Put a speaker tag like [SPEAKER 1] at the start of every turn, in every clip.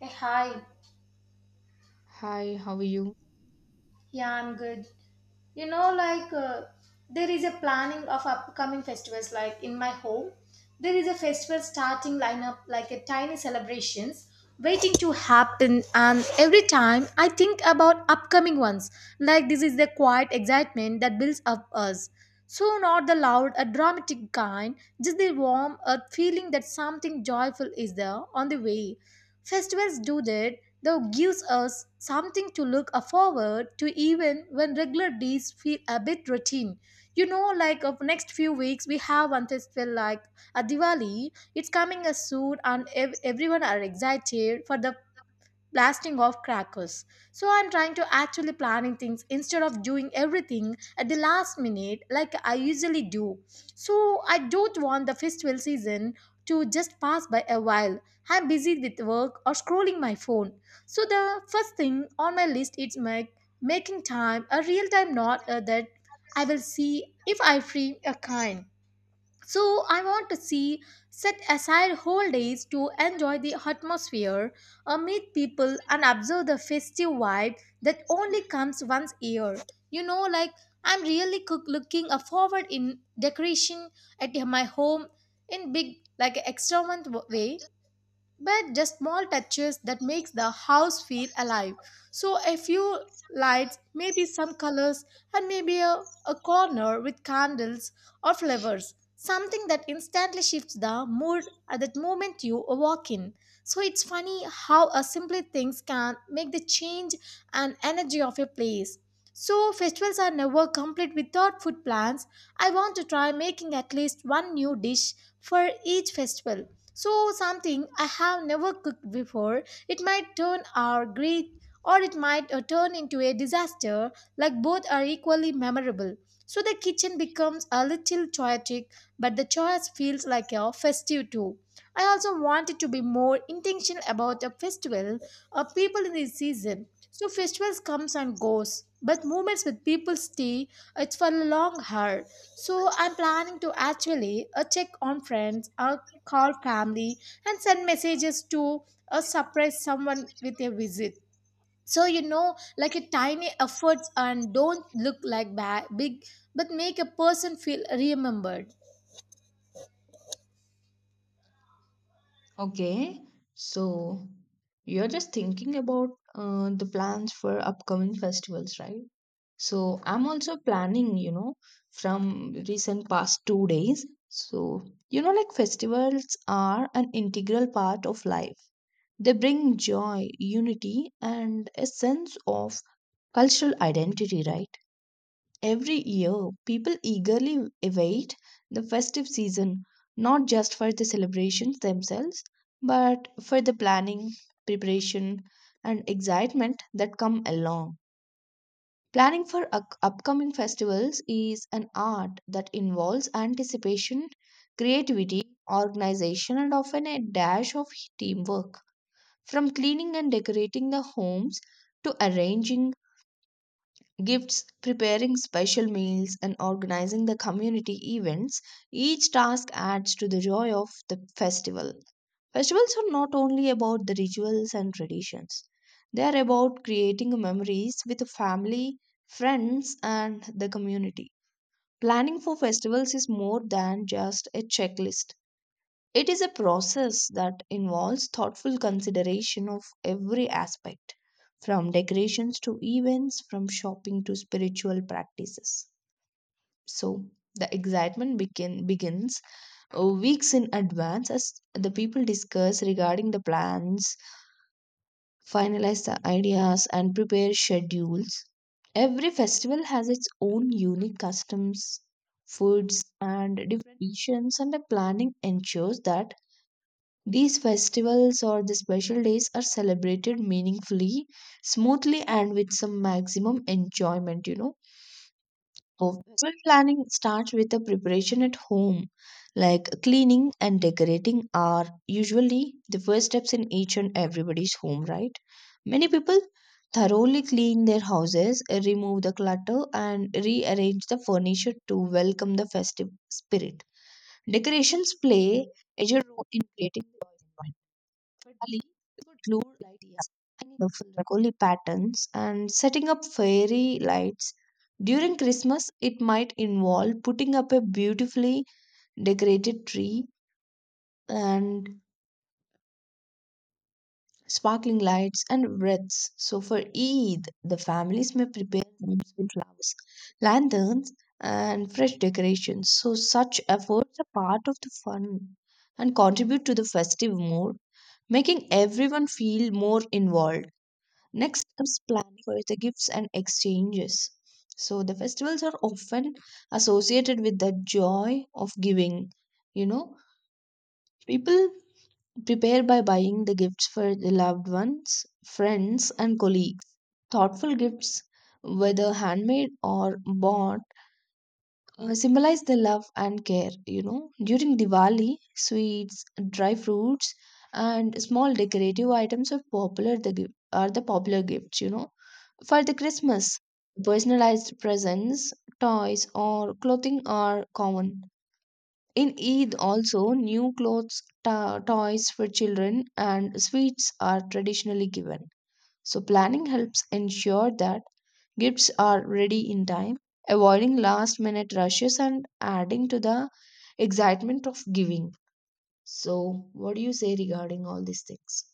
[SPEAKER 1] Hey, hi.
[SPEAKER 2] Hi, how are you?
[SPEAKER 1] Yeah, I'm good. Like there is a planning of upcoming festivals. Like in my home, there is a festival starting lineup, like a tiny celebrations waiting to happen. And every time I think about upcoming ones, like this is the quiet excitement that builds up us. So not the loud, a dramatic kind, just the warm, a feeling that something joyful is there on the way. Festivals do that, though gives us something to look forward to even when regular days feel a bit routine. Like of next few weeks we have one festival like a Diwali. It's coming as soon and everyone are excited for the blasting off crackers. So I'm trying to actually planning things instead of doing everything at the last minute like I usually do. So I don't want the festival season to just pass by a while. I'm busy with work or scrolling my phone. So the first thing on my list is my making time a real time note that I will see if I free a kind. So I want to see set aside whole days to enjoy the atmosphere, meet people, and observe the festive vibe that only comes once a year. Like I'm really looking forward in decoration at my home in big like extravagant way, but just small touches that makes the house feel alive. So a few lights, maybe some colors, and maybe a corner with candles or flowers, something that instantly shifts the mood at that moment you walk in. So it's funny how a simple things can make the change and energy of a place. So festivals are never complete without food plans. I want to try making at least one new dish for each festival. So, something I have never cooked before, it might turn our great or it might turn into a disaster, like both are equally memorable. So, the kitchen becomes a little chaotic, but the choice feels like a festive too. I also wanted to be more intentional about a festival of people in this season. So festivals comes and goes, but moments with people stay. It's for a long haul. So I'm planning to actually check on friends, call family and send messages to or surprise someone with a visit. So like a tiny efforts and don't look like big but make a person feel remembered.
[SPEAKER 2] Okay, so you're just thinking about the plans for upcoming festivals, right? So I'm also planning, you know, from recent past 2 days. So, you know, like festivals are an integral part of life. They bring joy, unity, and a sense of cultural identity, right? Every year, people eagerly await the festive season, not just for the celebrations themselves, but for the planning, preparation, and excitement that come along. Planning for upcoming festivals is an art that involves anticipation, creativity, organization, and often a dash of teamwork. From cleaning and decorating the homes to arranging gifts, preparing special meals, and organizing the community events, each task adds to the joy of the festival. Festivals are not only about the rituals and traditions, they are about creating memories with the family, friends, and the community. Planning for festivals is more than just a checklist. It is a process that involves thoughtful consideration of every aspect, from decorations to events, from shopping to spiritual practices. So, the begins weeks in advance as the people discuss regarding the plans, finalize the ideas, and prepare schedules. Every festival has its own unique customs, foods, and different traditions, and the planning ensures that these festivals or the special days are celebrated meaningfully, smoothly, and with some maximum enjoyment, you know. So, festival planning starts with the preparation at home, like cleaning and decorating are usually the first steps in each and everybody's home, right? Many people thoroughly clean their houses, remove the clutter, and rearrange the furniture to welcome the festive spirit. Decorations play a major role in creating the Thirdly, we could include ideas, years, tiny colorful Rangoli patterns, and setting up fairy lights. During Christmas, it might involve putting up a beautifully decorated tree and sparkling lights and wreaths. So, for Eid, the families may prepare homes with flowers, lanterns, and fresh decorations. So, such efforts are part of the fun and contribute to the festive mood, making everyone feel more involved. Next comes planning for the gifts and exchanges. So the festivals are often associated with the joy of giving. You know, people prepare by buying the gifts for the loved ones, friends, and colleagues. Thoughtful gifts, whether handmade or bought, symbolize the love and care. You know, during Diwali, sweets, dry fruits, and small decorative items are popular. Are the popular gifts. You know, for the Christmas, personalized presents, toys, or clothing are common. In Eid, also, new clothes, toys for children, and sweets are traditionally given. So, planning helps ensure that gifts are ready in time, avoiding last minute rushes and adding to the excitement of giving. So, what do you say regarding all these things?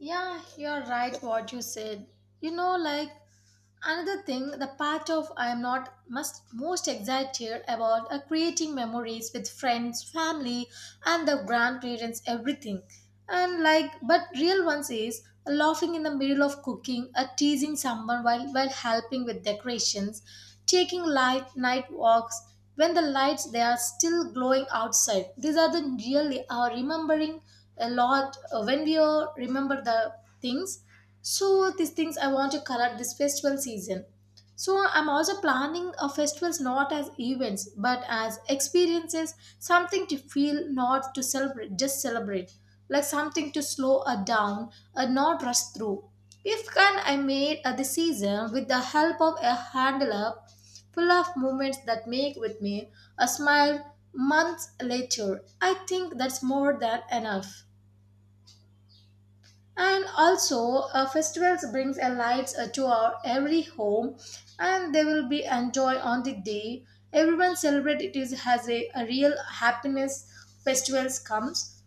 [SPEAKER 1] Yeah, you're right what you said. Like another thing, the part of I am not must most excited about are creating memories with friends, family, and the grandparents, everything. And like, but real ones is laughing in the middle of cooking, or teasing someone while helping with decorations, taking light night walks, when the lights they are still glowing outside, these are the really are remembering a lot when we remember the things. So these things I want to color this festival season. So I'm also planning a festivals not as events but as experiences, something to feel not to celebrate just celebrate, like something to slow her down and not rush through. If can I made the season with the help of a handler full of moments that make with me a smile months later. I think that's more than enough. And also, festivals brings a light to our every home, and they will be enjoy on the day. Everyone celebrate it is has a real happiness. Festivals comes.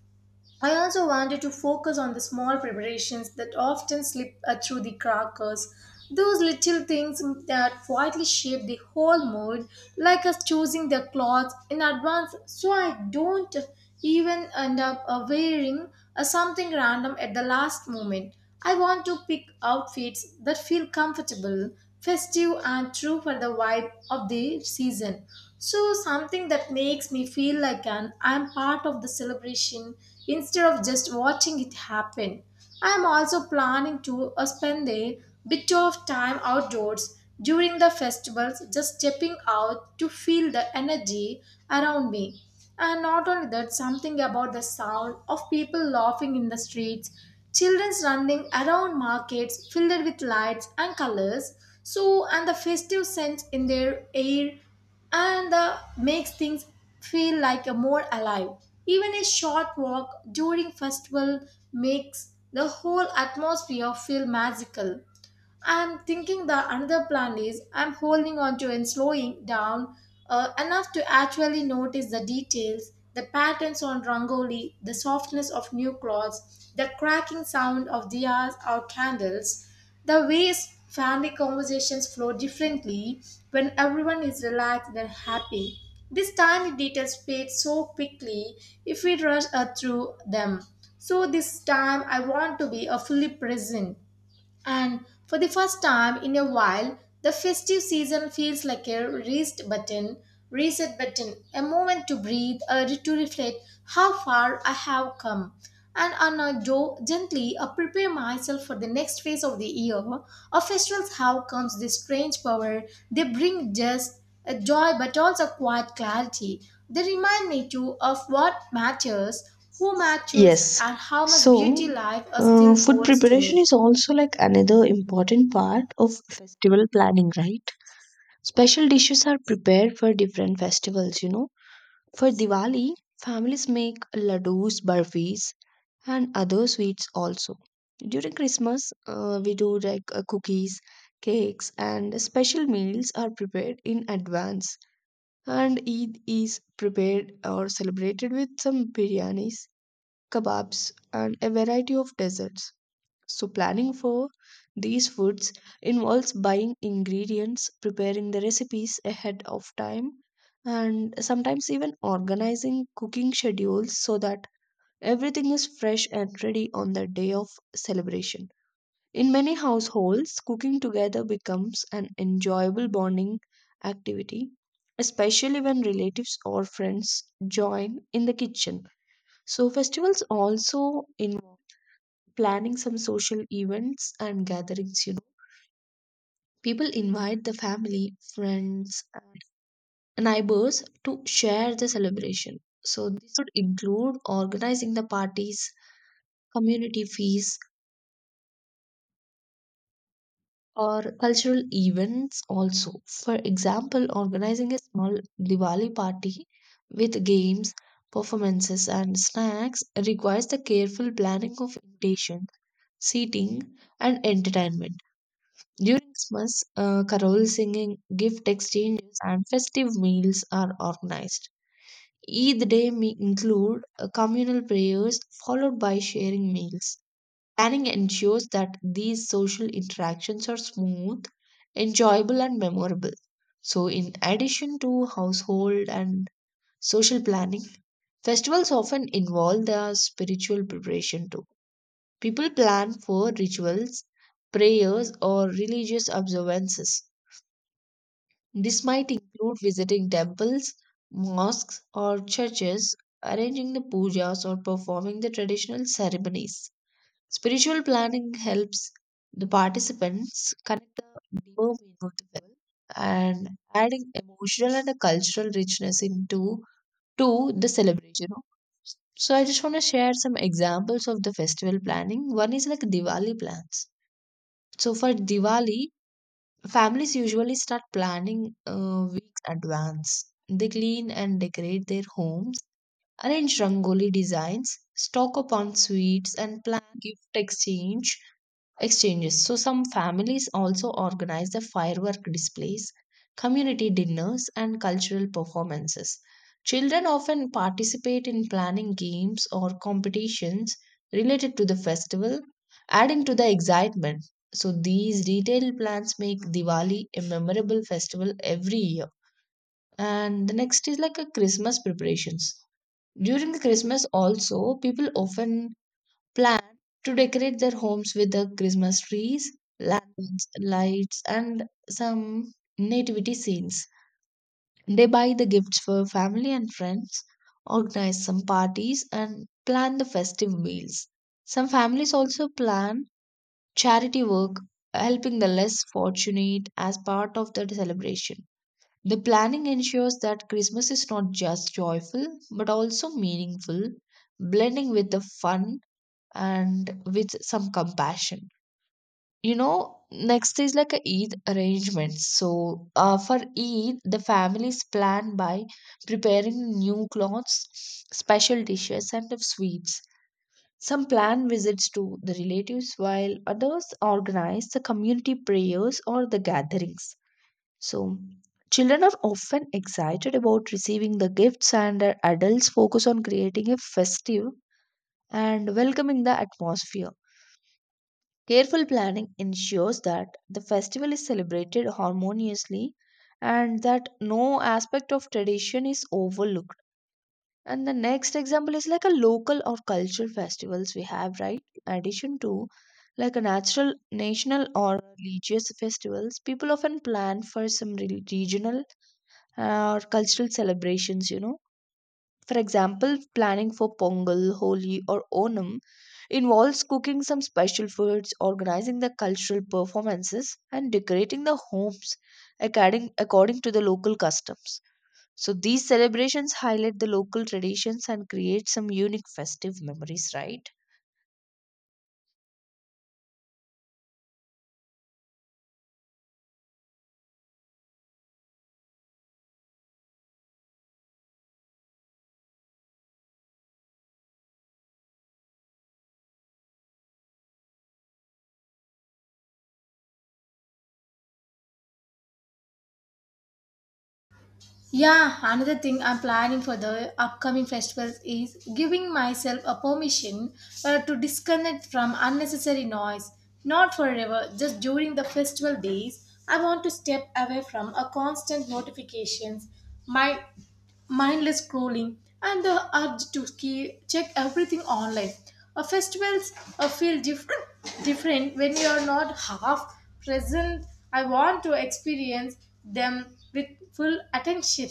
[SPEAKER 1] I also wanted to focus on the small preparations that often slip through the crackers, those little things that quietly shape the whole mood, like us choosing the clothes in advance so I don't even end up wearing something random at the last moment. I want to pick outfits that feel comfortable, festive, and true for the vibe of the season. So, something that makes me feel like an I'm part of the celebration instead of just watching it happen. I'm also planning to spend a bit of time outdoors during the festivals, just stepping out to feel the energy around me. And not only that, something about the sound of people laughing in the streets, children's running around markets filled with lights and colors. So, and the festive scent in their air and the makes things feel like a more alive. Even a short walk during festival makes the whole atmosphere feel magical. I'm thinking the another plan is I'm holding on to and slowing down enough to actually notice the details, the patterns on rangoli, the softness of new cloths, the cracking sound of diyas or candles, the ways family conversations flow differently when everyone is relaxed and happy. These tiny details fade so quickly if we rush through them. So this time I want to be a fully present. And for the first time in a while, the festive season feels like a reset button, a moment to breathe, to reflect how far I have come. And on a gently prepare myself for the next phase of the year. A festival's how comes this strange power. They bring just a joy but also quiet clarity. They remind me too of what matters, who matters,
[SPEAKER 2] Yes.
[SPEAKER 1] and how much
[SPEAKER 2] So,
[SPEAKER 1] beauty life still
[SPEAKER 2] food
[SPEAKER 1] holds to
[SPEAKER 2] preparation
[SPEAKER 1] me.
[SPEAKER 2] is also like another important part of festival planning, right? Special dishes are prepared for different festivals, you know. For Diwali, families make laddus, barfis, and other sweets also. During Christmas, we do like cookies, cakes, and special meals are prepared in advance. And Eid is prepared or celebrated with some biryanis kebabs, and a variety of desserts. So, planning for these foods involves buying ingredients, preparing the recipes ahead of time, and sometimes even organizing cooking schedules so that everything is fresh and ready on the day of celebration. In many households, cooking together becomes an enjoyable bonding activity, especially when relatives or friends join in the kitchen. So, festivals also involve planning some social events and gatherings, you know. People invite the family, friends, and neighbors to share the celebration. So, this could include organizing the parties, community feasts, or cultural events also. For example, organizing a small Diwali party with games, performances, and snacks requires the careful planning of invitation, seating, and entertainment. During Christmas, carol singing, gift exchanges, and festive meals are organized. Eid day may include communal prayers followed by sharing meals. Planning ensures that these social interactions are smooth, enjoyable, and memorable. So, in addition to household and social planning, festivals often involve their spiritual preparation too. People plan for rituals, prayers, or religious observances. This might include visiting temples, mosques, or churches, arranging the pujas, or performing the traditional ceremonies. Spiritual planning helps the participants connect the deeper meaning of the festival and adding emotional and a cultural richness into to the celebration. So I just want to share some examples of the festival planning. One is like Diwali plans. So for Diwali, families usually start planning weeks advance. They clean and decorate their homes, arrange rangoli designs, stock up on sweets, and plan gift exchange exchanges. So, some families also organize the firework displays, community dinners, and cultural performances. Children often participate in planning games or competitions related to the festival, adding to the excitement. So, these detailed plans make Diwali a memorable festival every year. And the next is like a Christmas preparations. During the Christmas, also, people often plan to decorate their homes with the Christmas trees, lanterns, lights, and some nativity scenes. They buy the gifts for family and friends, organize some parties, and plan the festive meals. Some families also plan charity work, helping the less fortunate as part of the celebration. The planning ensures that Christmas is not just joyful but also meaningful, blending with the fun and with some compassion. You know, next is like a Eid arrangements. So, for Eid, the families plan by preparing new clothes, special dishes, and of sweets. Some plan visits to the relatives, while others organize the community prayers or the gatherings. So, children are often excited about receiving the gifts, and adults focus on creating a festive and welcoming the atmosphere. Careful planning ensures that the festival is celebrated harmoniously and that no aspect of tradition is overlooked. And the next example is like a local or cultural festivals we have, right? In addition to like a natural, national or religious festivals, people often plan for some regional or cultural celebrations, you know for example, planning for Pongal, Holi, or Onam involves cooking some special foods, organizing the cultural performances, and decorating the homes according to the local customs. So these celebrations highlight the local traditions and create some unique festive memories, right?
[SPEAKER 1] Yeah, another thing I'm planning for the upcoming festivals is giving myself a permission to disconnect from unnecessary noise. Not forever, just during the festival days, I want to step away from a constant notifications, my mindless scrolling, and the urge to check everything online. A festivals feel different when you are not half present. I want to experience them with full attention,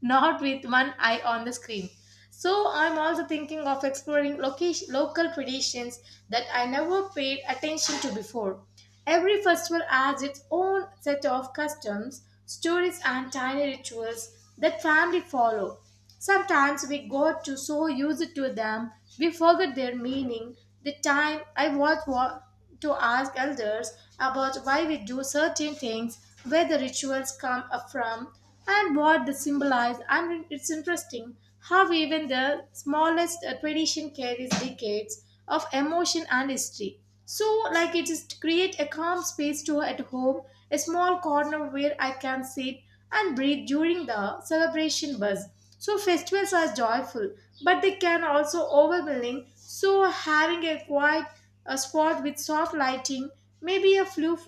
[SPEAKER 1] not with one eye on the screen. So I'm also thinking of exploring location, local traditions that I never paid attention to before. Every festival has its own set of customs, stories, and tiny rituals that family follow. Sometimes we got to so used to them, we forget their meaning. The time I was, to ask elders about why we do certain things, where the rituals come up from, and what they symbolize. And it's interesting how even the smallest tradition carries decades of emotion and history. So, like it is to create a calm space to at home, a small corner where I can sit and breathe during the celebration buzz. So, festivals are joyful, but they can also overwhelming. So, having a quiet a spot with soft lighting, maybe a few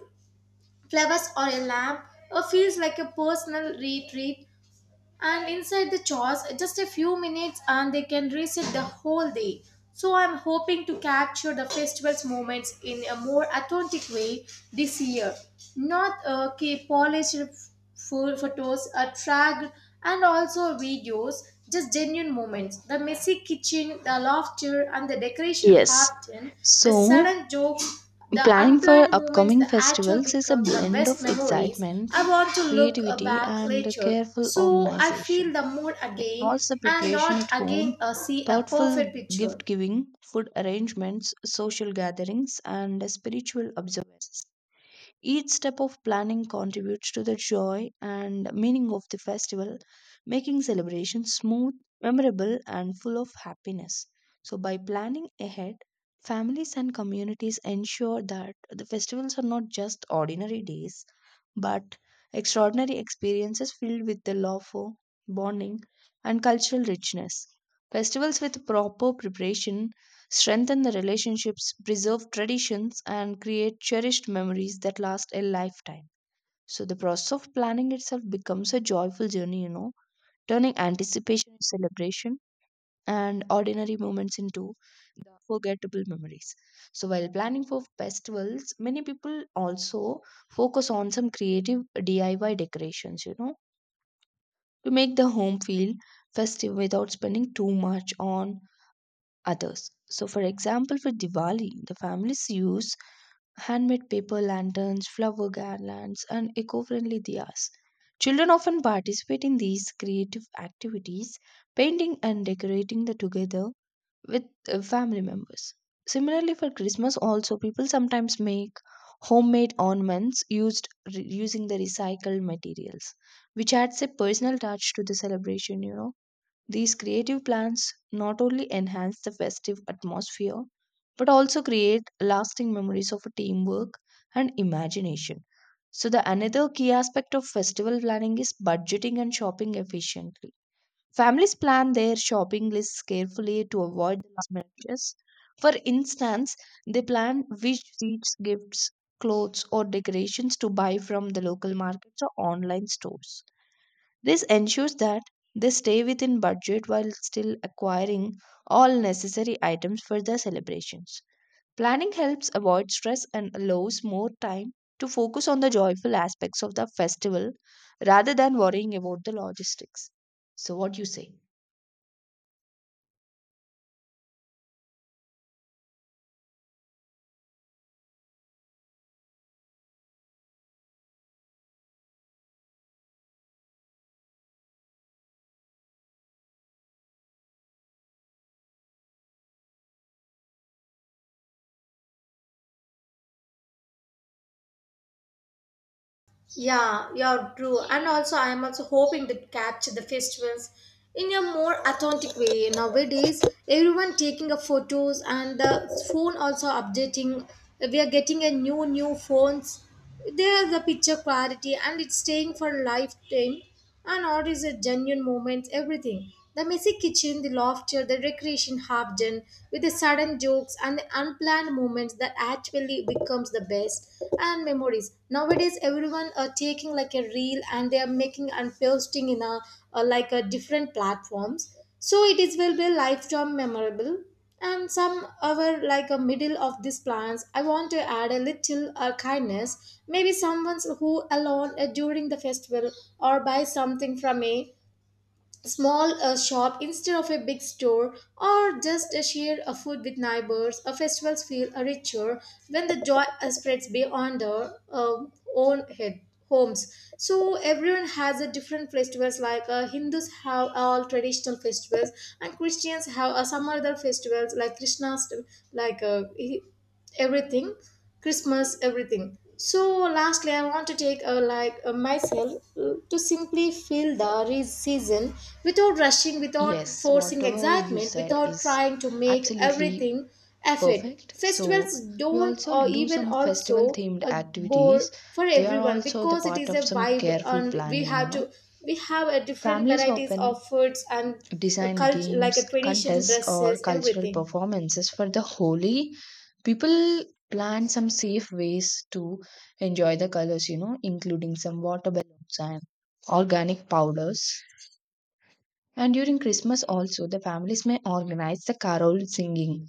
[SPEAKER 1] flowers or a lamp, or feels like a personal retreat, and inside the chores just a few minutes and they can reset the whole day. So I'm hoping to capture the festival's moments in a more authentic way this year, not keep polished full photos a track and also videos, just genuine moments, the messy kitchen, the laughter, and the decoration
[SPEAKER 2] Yes.
[SPEAKER 1] happen, the
[SPEAKER 2] So,
[SPEAKER 1] sudden jokes, the
[SPEAKER 2] planning for
[SPEAKER 1] unplanned moments, the
[SPEAKER 2] upcoming
[SPEAKER 1] actual
[SPEAKER 2] festivals is a
[SPEAKER 1] becomes the
[SPEAKER 2] blend of
[SPEAKER 1] best memories.
[SPEAKER 2] excitement,
[SPEAKER 1] I want to look
[SPEAKER 2] creativity,
[SPEAKER 1] back
[SPEAKER 2] and
[SPEAKER 1] later.
[SPEAKER 2] careful
[SPEAKER 1] So I feel
[SPEAKER 2] organization.
[SPEAKER 1] the mood
[SPEAKER 2] It
[SPEAKER 1] again
[SPEAKER 2] involves the
[SPEAKER 1] and
[SPEAKER 2] preparation
[SPEAKER 1] not
[SPEAKER 2] at
[SPEAKER 1] again
[SPEAKER 2] home,
[SPEAKER 1] see a
[SPEAKER 2] thoughtful
[SPEAKER 1] perfect picture.
[SPEAKER 2] gift giving, food arrangements, social gatherings, and spiritual observances. Each step of planning contributes to the joy and meaning of the festival, making celebration smooth, memorable, and full of happiness. So, by planning ahead, families and communities ensure that the festivals are not just ordinary days but extraordinary experiences filled with the love, for bonding, and cultural richness. Festivals with proper preparation strengthen the relationships, preserve traditions, and create cherished memories that last a lifetime. So, the process of planning itself becomes a joyful journey, you know, turning anticipation into celebration and ordinary moments into the forgettable memories. So, while planning for festivals, many people also focus on some creative DIY decorations, you know, to make the home feel festive without spending too much on others. So, for example, for Diwali, the families use handmade paper lanterns, flower garlands, and eco friendly diyas. Children often participate in these creative activities, painting and decorating the together with family members. Similarly, for Christmas, also people sometimes make homemade ornaments used using the recycled materials, which adds a personal touch to the celebration. You know, these creative plans not only enhance the festive atmosphere but also create lasting memories of teamwork and imagination. So, the another key aspect of festival planning is budgeting and shopping efficiently. Families plan their shopping lists carefully to avoid the last minute changes. For instance, they plan which sweets, gifts, clothes, or decorations to buy from the local markets or online stores. This ensures that they stay within budget while still acquiring all necessary items for the celebrations. Planning helps avoid stress and allows more time to focus on the joyful aspects of the festival rather than worrying about the logistics. So, what do you say?
[SPEAKER 1] Yeah, you're true. And also, I am also hoping to capture the festivals in a more authentic way. Nowadays, everyone taking a photos and the phone also updating. We are getting a new phones. There's the picture clarity and it's staying for lifetime. And art is a genuine moment, everything. The messy kitchen, the laughter, the recreation half done, with the sudden jokes and the unplanned moments that actually becomes the best and memories. Nowadays, everyone are taking like a reel and they are making and posting in a, like a different platforms, so it is will be lifetime memorable. And some other like a middle of these plans I want to add a little kindness, maybe someone who alone during the festival or buy something from me small a shop instead of a big store or just a share a food with neighbors, a festivals feel a richer when the joy spreads beyond our own head homes. So everyone has a different festivals, like Hindus have all traditional festivals and Christians have some other festivals like Krishna's, like everything, Christmas, everything. So lastly I want to take a like a myself to simply feel the season without rushing, without
[SPEAKER 2] Yes,
[SPEAKER 1] forcing
[SPEAKER 2] whatever you
[SPEAKER 1] excitement,
[SPEAKER 2] said
[SPEAKER 1] without
[SPEAKER 2] is
[SPEAKER 1] trying to make
[SPEAKER 2] absolutely
[SPEAKER 1] everything effort.
[SPEAKER 2] perfect. So,
[SPEAKER 1] Festivals
[SPEAKER 2] we
[SPEAKER 1] don't
[SPEAKER 2] also
[SPEAKER 1] or
[SPEAKER 2] do
[SPEAKER 1] even
[SPEAKER 2] some
[SPEAKER 1] also
[SPEAKER 2] festival themed
[SPEAKER 1] a bore
[SPEAKER 2] activities.
[SPEAKER 1] for
[SPEAKER 2] They are
[SPEAKER 1] everyone,
[SPEAKER 2] also the
[SPEAKER 1] because it
[SPEAKER 2] part
[SPEAKER 1] is
[SPEAKER 2] of
[SPEAKER 1] a
[SPEAKER 2] some
[SPEAKER 1] vibe
[SPEAKER 2] careful
[SPEAKER 1] and we
[SPEAKER 2] planning, you
[SPEAKER 1] have
[SPEAKER 2] know.
[SPEAKER 1] to, we have a different
[SPEAKER 2] Families
[SPEAKER 1] varieties of
[SPEAKER 2] often
[SPEAKER 1] foods and
[SPEAKER 2] design
[SPEAKER 1] culture like
[SPEAKER 2] games,
[SPEAKER 1] a tradition
[SPEAKER 2] contests, or
[SPEAKER 1] dresses,
[SPEAKER 2] cultural
[SPEAKER 1] everything.
[SPEAKER 2] performances for the Holi. People plan some safe ways to enjoy the colors, you know, including some water balloons and organic powders. And during Christmas, also, the families may organize the carol singing,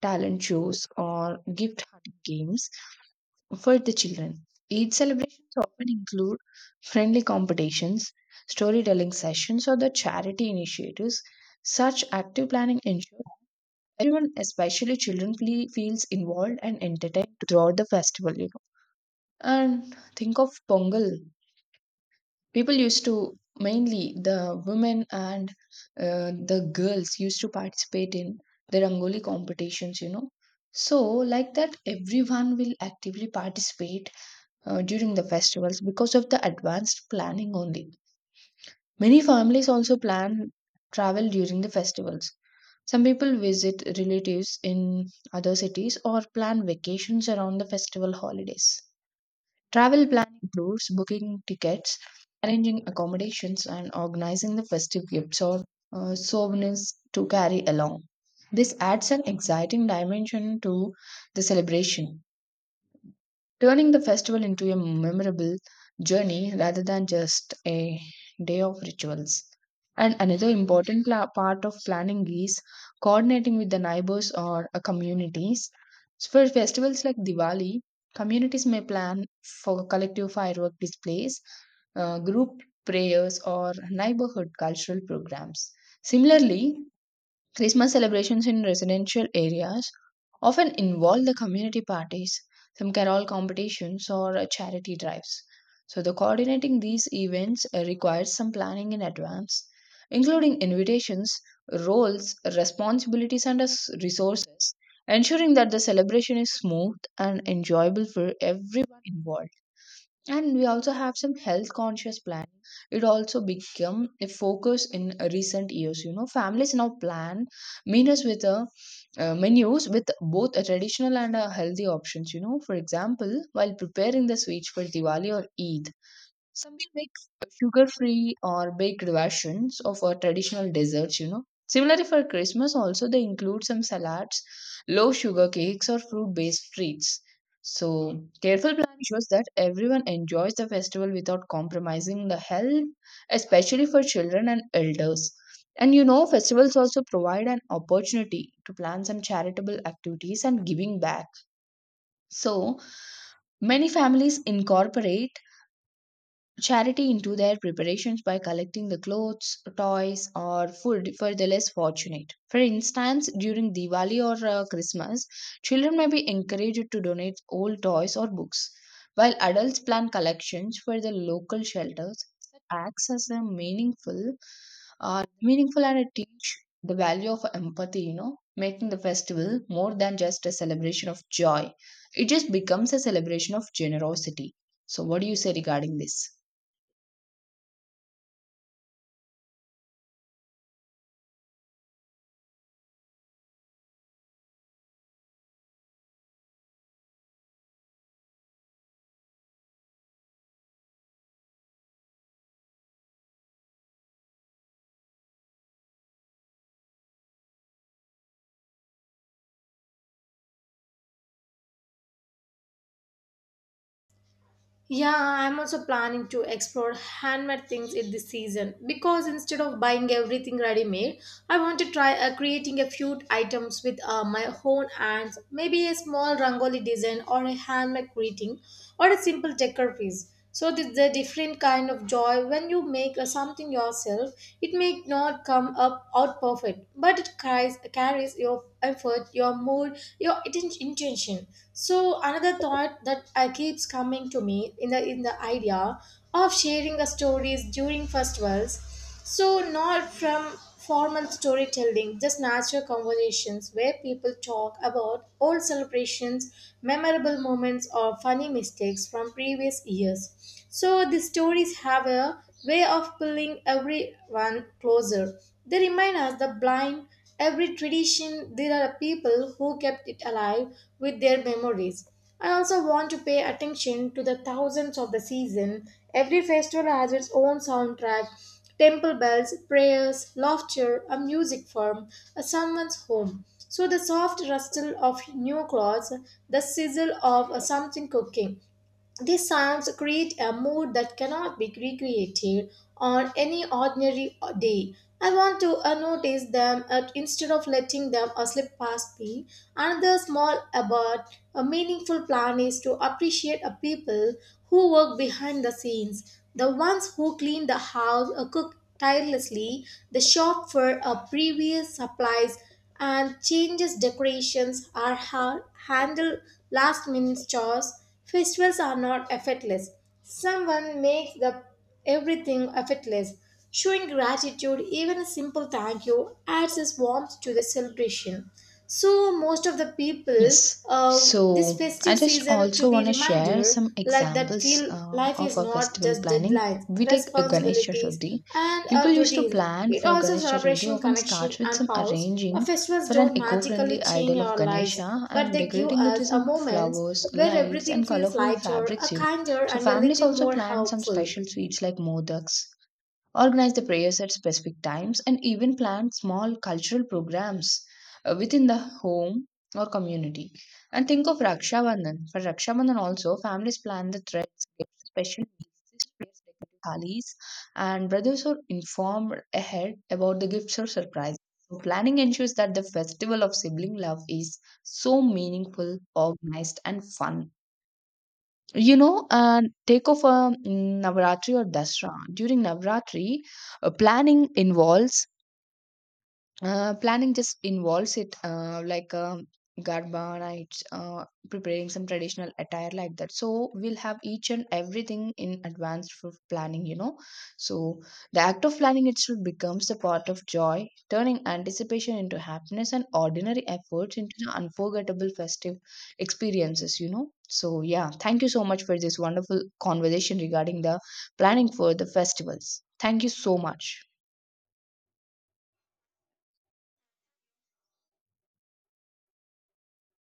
[SPEAKER 2] talent shows, or gift hunting games for the children. Eid celebrations often include friendly competitions, storytelling sessions, or the charity initiatives. Such active planning ensures everyone, especially children, feels involved and entertained throughout the festival. You know, and think of Pongal. People used to mainly the women and the girls used to participate in the rangoli competitions. You know, so like that, everyone will actively participate during the festivals because of the advanced planning only. Many families also plan travel during the festivals. Some people visit relatives in other cities or plan vacations around the festival holidays. Travel planning includes booking tickets, arranging accommodations, and organizing the festive gifts or souvenirs to carry along. This adds an exciting dimension to the celebration, turning the festival into a memorable journey rather than just a day of rituals. And another important part of planning is coordinating with the neighbors or communities. So, for festivals like Diwali, communities may plan for collective firework displays, group prayers, or neighborhood cultural programs. Similarly, Christmas celebrations in residential areas often involve the community parties, some carol competitions, or charity drives. So, the coordinating these events requires some planning in advance, including invitations, roles, responsibilities, and resources, ensuring that the celebration is smooth and enjoyable for everyone involved. And we also have some health conscious planning. It also become a focus in recent years, you know. Families now plan menus with a menus with both a traditional and a healthy options, you know. For example, while preparing the sweets for Diwali or Eid, some will make sugar-free or baked versions of our traditional desserts, you know. Similarly, for Christmas also, they include some salads, low sugar cakes, or fruit-based treats. So, careful planning shows that everyone enjoys the festival without compromising the health, especially for children and elders. And you know, festivals also provide an opportunity to plan some charitable activities and giving back. So, many families incorporate charity into their preparations by collecting the clothes, toys, or food for the less fortunate. For instance, during Diwali or Christmas, children may be encouraged to donate old toys or books, while adults plan collections for the local shelters that acts as a meaningful, meaningful and it teach the value of empathy. You know, making the festival more than just a celebration of joy; it just becomes a celebration of generosity. So, what do you say regarding this?
[SPEAKER 1] Yeah, I'm also planning to explore handmade things in this season because instead of buying everything ready made, I want to try creating a few items with my own hands, maybe a small rangoli design or a handmade greeting or a simple decor piece. So the different kind of joy when you make something yourself, it may not come up out perfect but it carries your effort, your mood, your intention. So another thought that keeps coming to me in the idea of sharing the stories during festivals. So, not from formal storytelling, just natural conversations where people talk about old celebrations, memorable moments, or funny mistakes from previous years. So, the stories have a way of pulling everyone closer. They remind us the blind, every tradition, there are people who kept it alive with their memories. I also want to pay attention to the thousands of the season. Every festival has its own soundtrack, temple bells, prayers, laughter, a music from a someone's home. So the soft rustle of new clothes, the sizzle of something cooking, these sounds create a mood that cannot be recreated on any ordinary day. I want to notice them instead of letting them slip past me. Another small but a meaningful plan is to appreciate a people who work behind the scenes, the ones who clean the house, cook tirelessly, the shop for previous supplies, and changes decorations are handled last minute chores. Festivals are not effortless. Someone makes the everything effortless. Showing gratitude, even a simple thank you, adds its warmth to the celebration. So most of the people,
[SPEAKER 2] Yes.
[SPEAKER 1] this
[SPEAKER 2] So I
[SPEAKER 1] festive
[SPEAKER 2] just
[SPEAKER 1] season to
[SPEAKER 2] also
[SPEAKER 1] be
[SPEAKER 2] want to share
[SPEAKER 1] reminder
[SPEAKER 2] some
[SPEAKER 1] like that
[SPEAKER 2] examples
[SPEAKER 1] feel life
[SPEAKER 2] of
[SPEAKER 1] is
[SPEAKER 2] our
[SPEAKER 1] not
[SPEAKER 2] festival
[SPEAKER 1] just
[SPEAKER 2] planning.
[SPEAKER 1] deadlines,
[SPEAKER 2] We take a Ganesh
[SPEAKER 1] responsibilities,
[SPEAKER 2] Chaturthi.
[SPEAKER 1] and
[SPEAKER 2] People used to
[SPEAKER 1] routines.
[SPEAKER 2] plan
[SPEAKER 1] It
[SPEAKER 2] for
[SPEAKER 1] also
[SPEAKER 2] Ganesh Chaturthi
[SPEAKER 1] celebration
[SPEAKER 2] often
[SPEAKER 1] connection
[SPEAKER 2] starts with
[SPEAKER 1] and
[SPEAKER 2] some
[SPEAKER 1] pause. The
[SPEAKER 2] arranging
[SPEAKER 1] festivals
[SPEAKER 2] for an
[SPEAKER 1] don't magically
[SPEAKER 2] eco-friendly
[SPEAKER 1] change
[SPEAKER 2] idol of
[SPEAKER 1] our lives,
[SPEAKER 2] Ganesha
[SPEAKER 1] but
[SPEAKER 2] and
[SPEAKER 1] they give
[SPEAKER 2] decorating it
[SPEAKER 1] us
[SPEAKER 2] with
[SPEAKER 1] a
[SPEAKER 2] some
[SPEAKER 1] moment
[SPEAKER 2] flowers,
[SPEAKER 1] where
[SPEAKER 2] lights,
[SPEAKER 1] everything
[SPEAKER 2] and
[SPEAKER 1] feels
[SPEAKER 2] colorful
[SPEAKER 1] lighter, a
[SPEAKER 2] fabrics, you know.
[SPEAKER 1] kinder
[SPEAKER 2] So
[SPEAKER 1] and a
[SPEAKER 2] families
[SPEAKER 1] little
[SPEAKER 2] also
[SPEAKER 1] more
[SPEAKER 2] plan some
[SPEAKER 1] helpful.
[SPEAKER 2] special sweets like modaks, organize the prayers at specific times, and even plan small cultural programs within the home or community. And think of Raksha Bandhan. For Raksha Bandhan also, families plan the threads, gifts, special meals, sisters decorate sarees, and brothers are informed ahead about the gifts or surprises. So planning ensures that the festival of sibling love is so meaningful, organized, and fun. You know, and take off a Navratri or Dasra. During Navratri, uh, planning involves planning just involves it, garba nights, preparing some traditional attire like that. So we'll have each and everything in advance for planning, you know. So the act of planning itself becomes the part of joy, turning anticipation into happiness and ordinary efforts into the unforgettable festive experiences, you know. So yeah, thank you so much for this wonderful conversation regarding the planning for the festivals. Thank you so much.